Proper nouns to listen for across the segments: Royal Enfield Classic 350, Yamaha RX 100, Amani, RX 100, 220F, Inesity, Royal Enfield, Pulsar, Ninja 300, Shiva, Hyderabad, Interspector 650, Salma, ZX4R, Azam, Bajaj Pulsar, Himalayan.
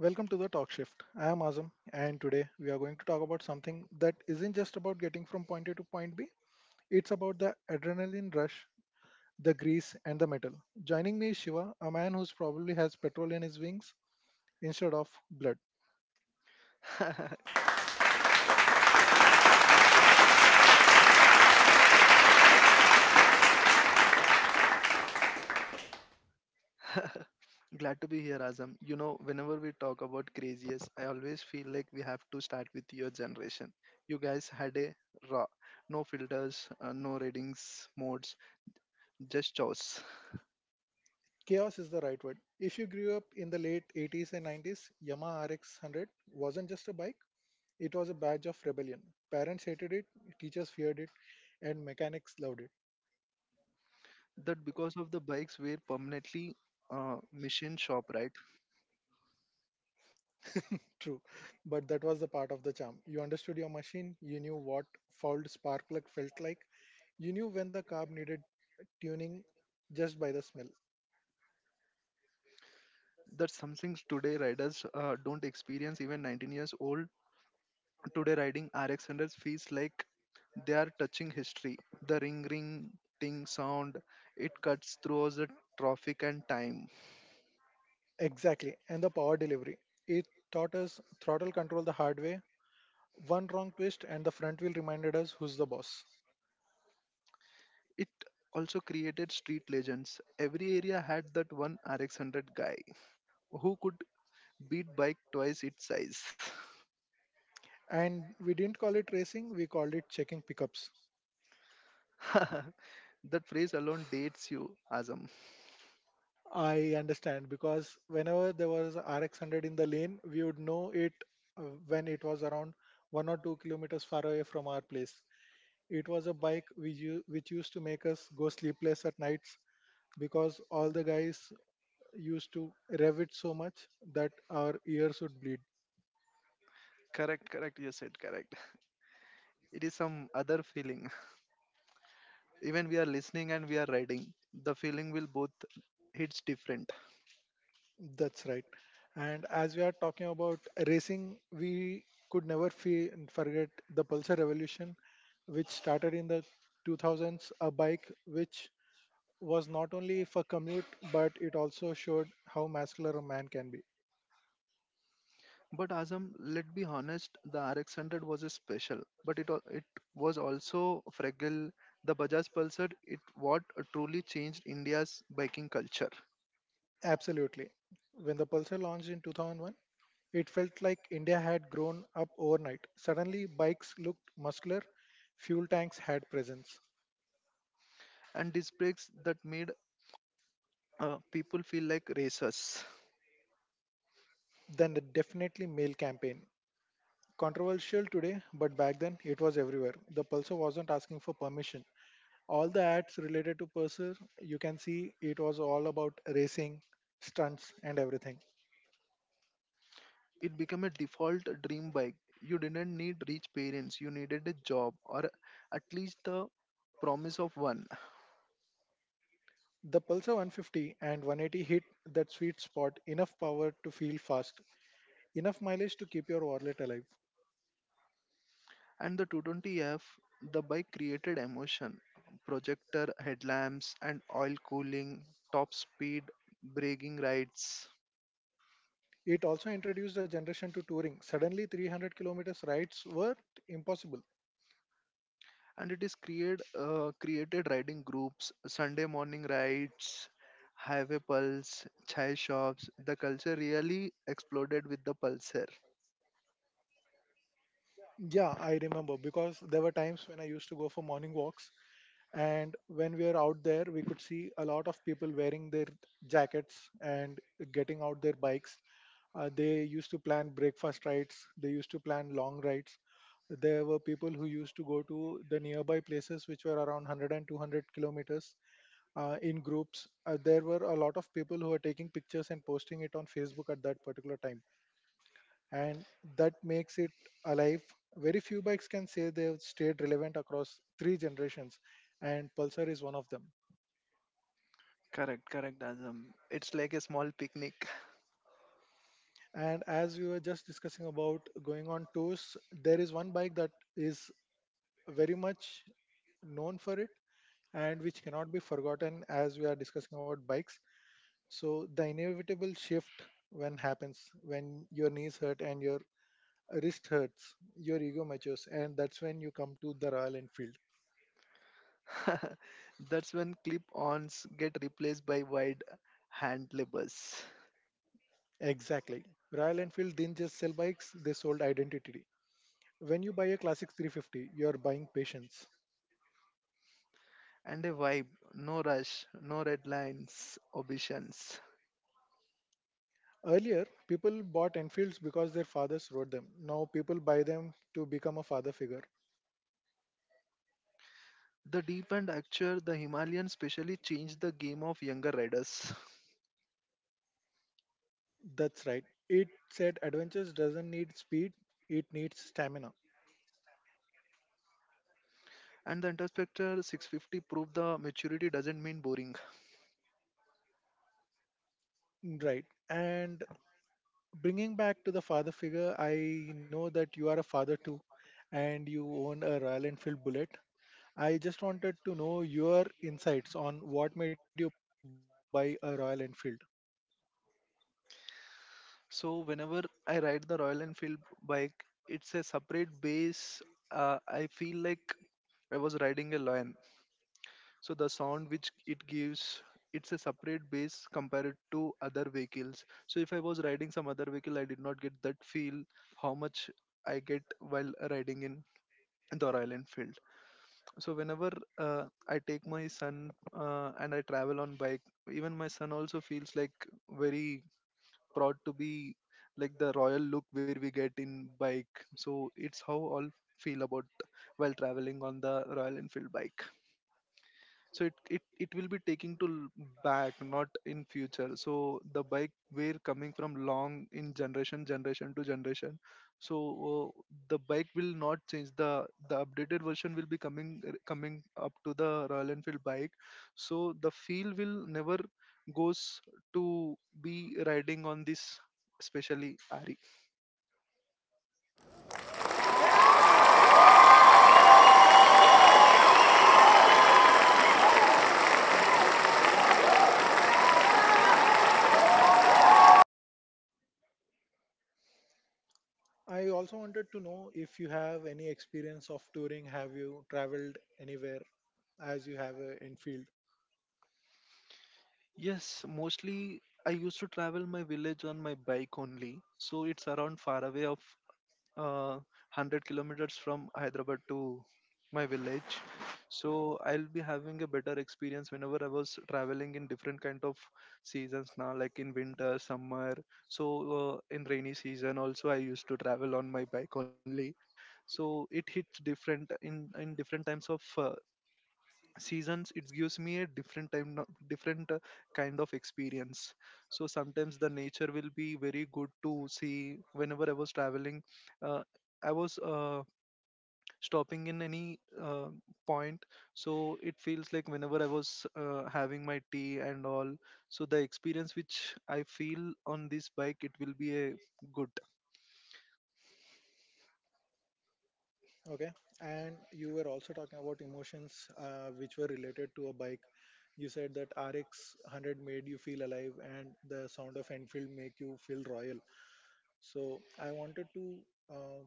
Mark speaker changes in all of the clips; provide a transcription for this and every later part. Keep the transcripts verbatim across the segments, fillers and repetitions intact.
Speaker 1: Welcome to the Talk Shift. I am Azam, and today we are going to talk about something that isn't just about getting from point A to point B, it's about the adrenaline rush, the grease, and the metal. Joining me is Shiva, a man who's probably has petrol in his wings instead of blood.
Speaker 2: Glad to be here, Azam. You know, whenever we talk about craziest, I always feel like we have to start with your generation. You guys had a raw, no filters, uh, no ratings, modes, just chores.
Speaker 1: Chaos is the right word. If you grew up in the late eighties and nineties, Yamaha R X one hundred wasn't just a bike, it was a badge of rebellion. Parents hated it, teachers feared it, and mechanics loved it.
Speaker 2: That because of the bikes were permanently uh, machine shop, right?
Speaker 1: True, but that was the part of the charm. You understood your machine, you knew what fouled spark plug felt like, you knew when the carb needed tuning just by the smell.
Speaker 2: That's something today riders uh, don't experience even 19 years old. Today, riding R X one hundred feels like they are touching history. The ring ring ting sound, it cuts through the traffic and time.
Speaker 1: Exactly, and the power delivery. It taught us throttle control the hard way. One wrong twist, and the front wheel reminded us who's the boss.
Speaker 2: It also created street legends. Every area had that one R X one hundred guy who could beat bike twice its size.
Speaker 1: And we didn't call it racing, we called it checking pickups.
Speaker 2: That phrase alone dates you, Azam.
Speaker 1: I understand because whenever there was R X one hundred in the lane, we would know it uh, when it was around one or two kilometers far away from our place. It was a bike which, u- which used to make us go sleepless at nights because all the guys used to rev it so much that our ears would bleed.
Speaker 2: Correct, correct. You said correct. It is some other feeling. Even we are listening and we are riding. The feeling will both hits different.
Speaker 1: That's right. And as we are talking about racing, we could never fe- forget the Pulsar revolution, which started in the two thousands, a bike which was not only for commute, but it also showed how muscular a man can be.
Speaker 2: But Azam, let's be honest, the R X one hundred was a special, but it al- it was also fragile. The Bajaj Pulsar, it what truly changed India's biking culture,
Speaker 1: Absolutely. When the Pulsar launched in two thousand one, it felt like India had grown up overnight. Suddenly, bikes looked muscular, fuel tanks had presence.
Speaker 2: and disc brakes that made uh, people feel like racers.
Speaker 1: Then, the definitely male campaign. Controversial today, but back then it was everywhere. The Pulsar wasn't asking for permission. All the ads related to Pulsar, you can see it was all about racing, stunts, and everything.
Speaker 2: It became a default dream bike. You didn't need rich parents; you needed a job or at least the promise of one.
Speaker 1: The Pulsar one fifty and one eighty hit that sweet spot enough power to feel fast, enough mileage to keep your wallet alive.
Speaker 2: And the two twenty F, the bike created emotion. Projector headlamps and oil cooling, top speed, braking rides.
Speaker 1: It also introduced a generation to touring. Suddenly, three hundred kilometers rides were impossible.
Speaker 2: And it is create, uh, created riding groups, Sunday morning rides, highway pulse, chai shops. The culture really exploded with the Pulsar.
Speaker 1: Yeah, I remember because there were times when I used to go for morning walks, and when we were out there, we could see a lot of people wearing their jackets and getting out their bikes. Uh, they used to plan breakfast rides, they used to plan long rides. There were people who used to go to the nearby places which were around 100 and 200 kilometers uh, in groups. Uh, there were a lot of people who were taking pictures and posting it on Facebook at that particular time, and that makes it alive. Very few bikes can say they've stayed relevant across three generations, and Pulsar is one of them.
Speaker 2: Correct, correct, Azam. It's like a small picnic.
Speaker 1: And as we were just discussing about going on tours, there is one bike that is very much known for it and which cannot be forgotten as we are discussing about bikes. So the inevitable shift when happens when your knees hurt and your wrist hurts, your ego matures, and that's when you come to the Royal Enfield.
Speaker 2: That's when clip ons get replaced by wide hand levers.
Speaker 1: Exactly. Royal Enfield didn't just sell bikes, they sold identity. When you buy a classic three fifty, you're buying patience.
Speaker 2: And a vibe, no rush, no red lines, obeisance.
Speaker 1: Earlier, people bought Enfields because their fathers rode them. Now people buy them to become a father figure.
Speaker 2: The deep and actual, the Himalayan specially changed the game of younger riders.
Speaker 1: That's right. It said adventures doesn't need speed, it needs stamina.
Speaker 2: And the Interspector six fifty proved the maturity doesn't mean boring.
Speaker 1: Right. And bringing back to the father figure, I know that you are a father too and you own a Royal Enfield Bullet. I just wanted to know your insights on what made you buy a Royal Enfield.
Speaker 2: So whenever I ride the Royal Enfield bike, it's a separate base. Uh, I feel like I was riding a lion. So the sound which it gives, it's a separate bass compared to other vehicles. So if I was riding some other vehicle, I did not get that feel how much I get while riding in the Royal Enfield. So whenever uh, I take my son uh, and I travel on bike, even my son also feels like very proud to be like the royal look where we get in bike. So it's how all feel about while traveling on the Royal Enfield bike. So it, it it will be taking to l- back, not in future. So the bike we're coming from long in generation generation to generation. So uh, the bike will not change. The the updated version will be coming r- coming up to the Royal Enfield bike. So the feel will never goes to be riding on this, especially ari.
Speaker 1: I also wanted to know if you have any experience of touring. Have you traveled anywhere as you have a Enfield?
Speaker 2: Yes, mostly I used to travel my village on my bike only. So it's around far away of uh, one hundred kilometers from Hyderabad to my village. So I'll be having a better experience whenever I was traveling in different kind of seasons now, like in winter, summer. So uh, in rainy season also I used to travel on my bike only. So it hits different in in different times of uh, seasons. It gives me a different time no- different uh, kind of experience. So sometimes the nature will be very good to see. Whenever I was traveling, uh, I was uh, stopping in any uh, point. So it feels like whenever I was uh, having my tea and all, so the experience which I feel on this bike, it will be a good.
Speaker 1: Okay. And you were also talking about emotions uh, which were related to a bike. You said that R X one hundred made you feel alive and the sound of Enfield make you feel royal. So I wanted to uh,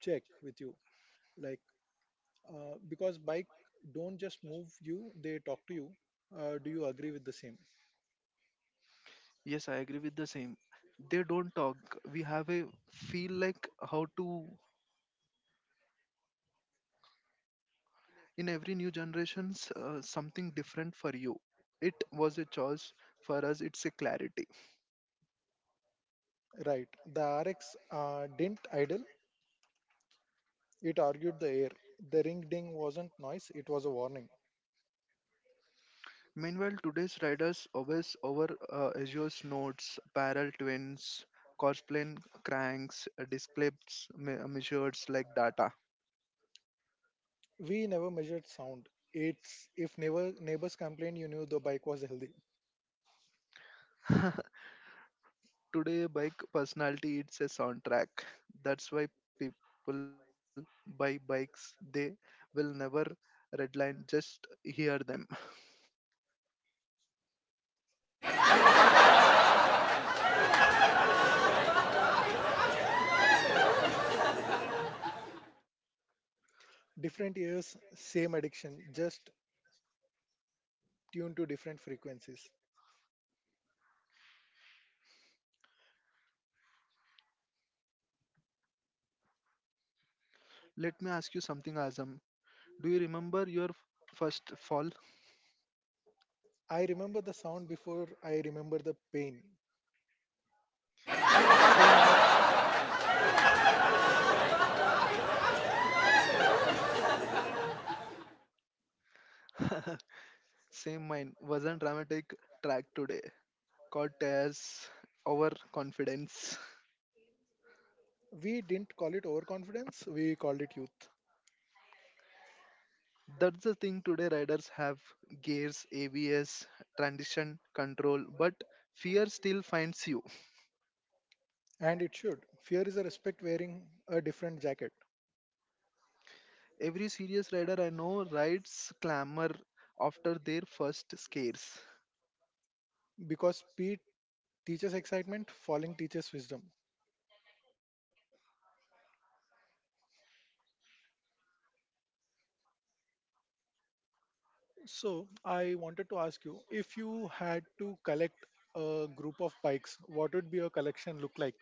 Speaker 1: check with you, like, uh, because bike don't just move you, they talk to you. Uh, do you agree with the same?
Speaker 2: Yes, I agree with the same. They don't talk. We have a feel like how to in every new generations, uh, something different for you. It was a choice for us, it's a clarity.
Speaker 1: Right. The R X uh, didn't idle. It argued the air. The ring ding wasn't noise. It was a warning.
Speaker 2: Meanwhile today's riders always over, uh, azures nodes, parallel twins, crossplane cranks, uh, disk clips, me- uh, measures like data.
Speaker 1: We never measured sound. It's if neighbor, neighbors complained, you knew the bike was healthy.
Speaker 2: Today a bike personality, it's a soundtrack. That's why people buy bikes. They will never redline, just hear them.
Speaker 1: Different ears, same addiction, just tuned to different frequencies.
Speaker 2: Let me ask you something, Azam. Do you remember your f- first fall?
Speaker 1: I remember the sound before I remember the pain.
Speaker 2: Same mind, same mind wasn't dramatic track today. Caught as overconfidence.
Speaker 1: We didn't call it overconfidence, we called it youth.
Speaker 2: That's the thing today. Riders have gears, A B S, transition control, but fear still finds you.
Speaker 1: And it should. Fear is a respect wearing a different jacket
Speaker 2: Every serious rider I know rides clamor after their first scares.
Speaker 1: because speed teaches excitement, falling teaches wisdom. So, I wanted to ask you if you had to collect a group of bikes, what would be your collection look like?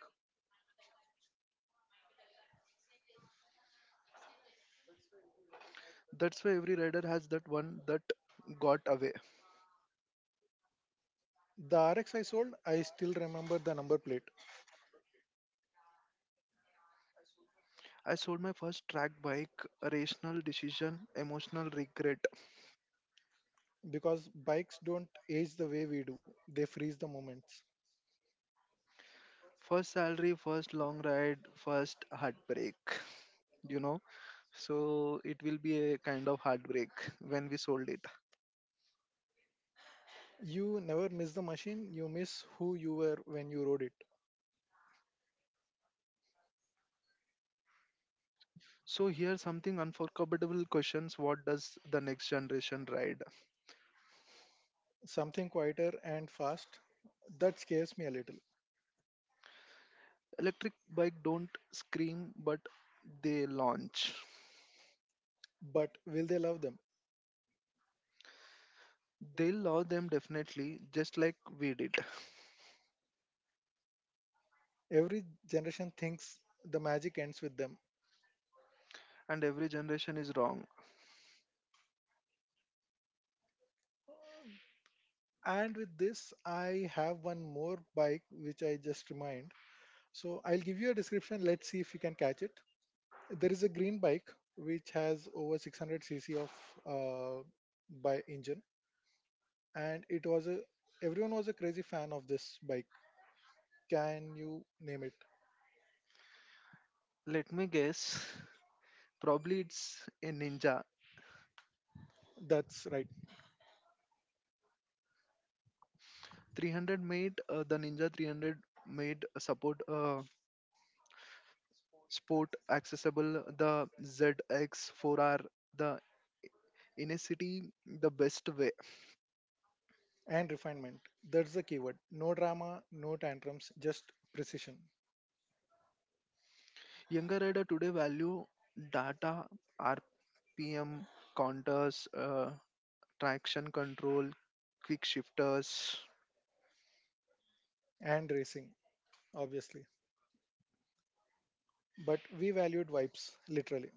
Speaker 2: That's why every rider has that one that got away.
Speaker 1: The R X I sold, I still remember the number plate
Speaker 2: I sold my first track bike, rational decision, emotional regret.
Speaker 1: because bikes don't age the way we do, they freeze the moments.
Speaker 2: First salary, first long ride, first heartbreak, you know. So it will be a kind of heartbreak when we sold it.
Speaker 1: You never miss the machine, you miss who you were when you rode it.
Speaker 2: So here something unforgettable questions, what does the next generation ride?
Speaker 1: Something quieter and fast. That scares me a little.
Speaker 2: Electric bike don't scream, but they launch.
Speaker 1: But will they love them?
Speaker 2: They'll allow them definitely, just like we did.
Speaker 1: Every generation thinks the magic ends with them.
Speaker 2: And every generation is wrong.
Speaker 1: And with this, I have one more bike which I just remind. So I'll give you a description. Let's see if you can catch it. There is a green bike which has over six hundred cc of uh, by engine, and it was a everyone was a crazy fan of this bike. Can you name it?
Speaker 2: Let me guess, probably it's a ninja
Speaker 1: That's right.
Speaker 2: three hundred. Made uh, the ninja three hundred made support uh, sport accessible, the Z X four R, the Inesity, the best way.
Speaker 1: And refinement. That's the keyword. No drama, no tantrums, just precision.
Speaker 2: Younger rider today value data, R P M counters, uh, traction control, quick shifters.
Speaker 1: And racing, obviously. But we valued vibes, literally.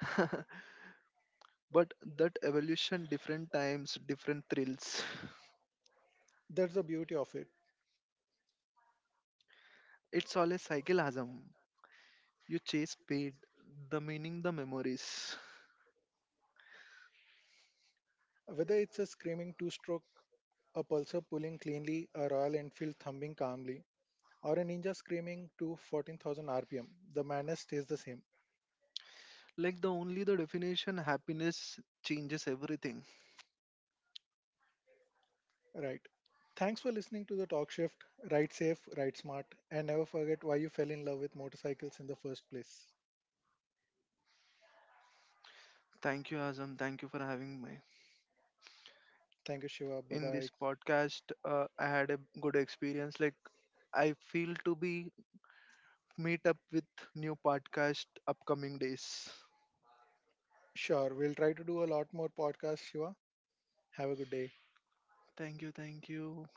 Speaker 2: But that evolution, different times, different thrills.
Speaker 1: That's the beauty of it.
Speaker 2: It's all a cycle, Azam. You chase speed, the meaning, the memories.
Speaker 1: Whether it's a screaming two stroke, a pulsar pulling cleanly, a Royal Enfield thumbing calmly, or a ninja screaming to fourteen thousand R P M, the manner stays the same.
Speaker 2: Like the only the definition, happiness changes everything.
Speaker 1: Right. Thanks for listening to the talk shift. Ride safe, ride smart, and never forget why you fell in love with motorcycles in the first place.
Speaker 2: Thank you, Azam. Thank you for having me
Speaker 1: Thank you, Shiva. Bye
Speaker 2: in
Speaker 1: bye.
Speaker 2: this podcast. Uh, I had a good experience. Like I feel to be meet up with new podcast upcoming days.
Speaker 1: Sure, we'll try to do a lot more podcasts, Shiva. Have a good day.
Speaker 2: Thank you, thank you.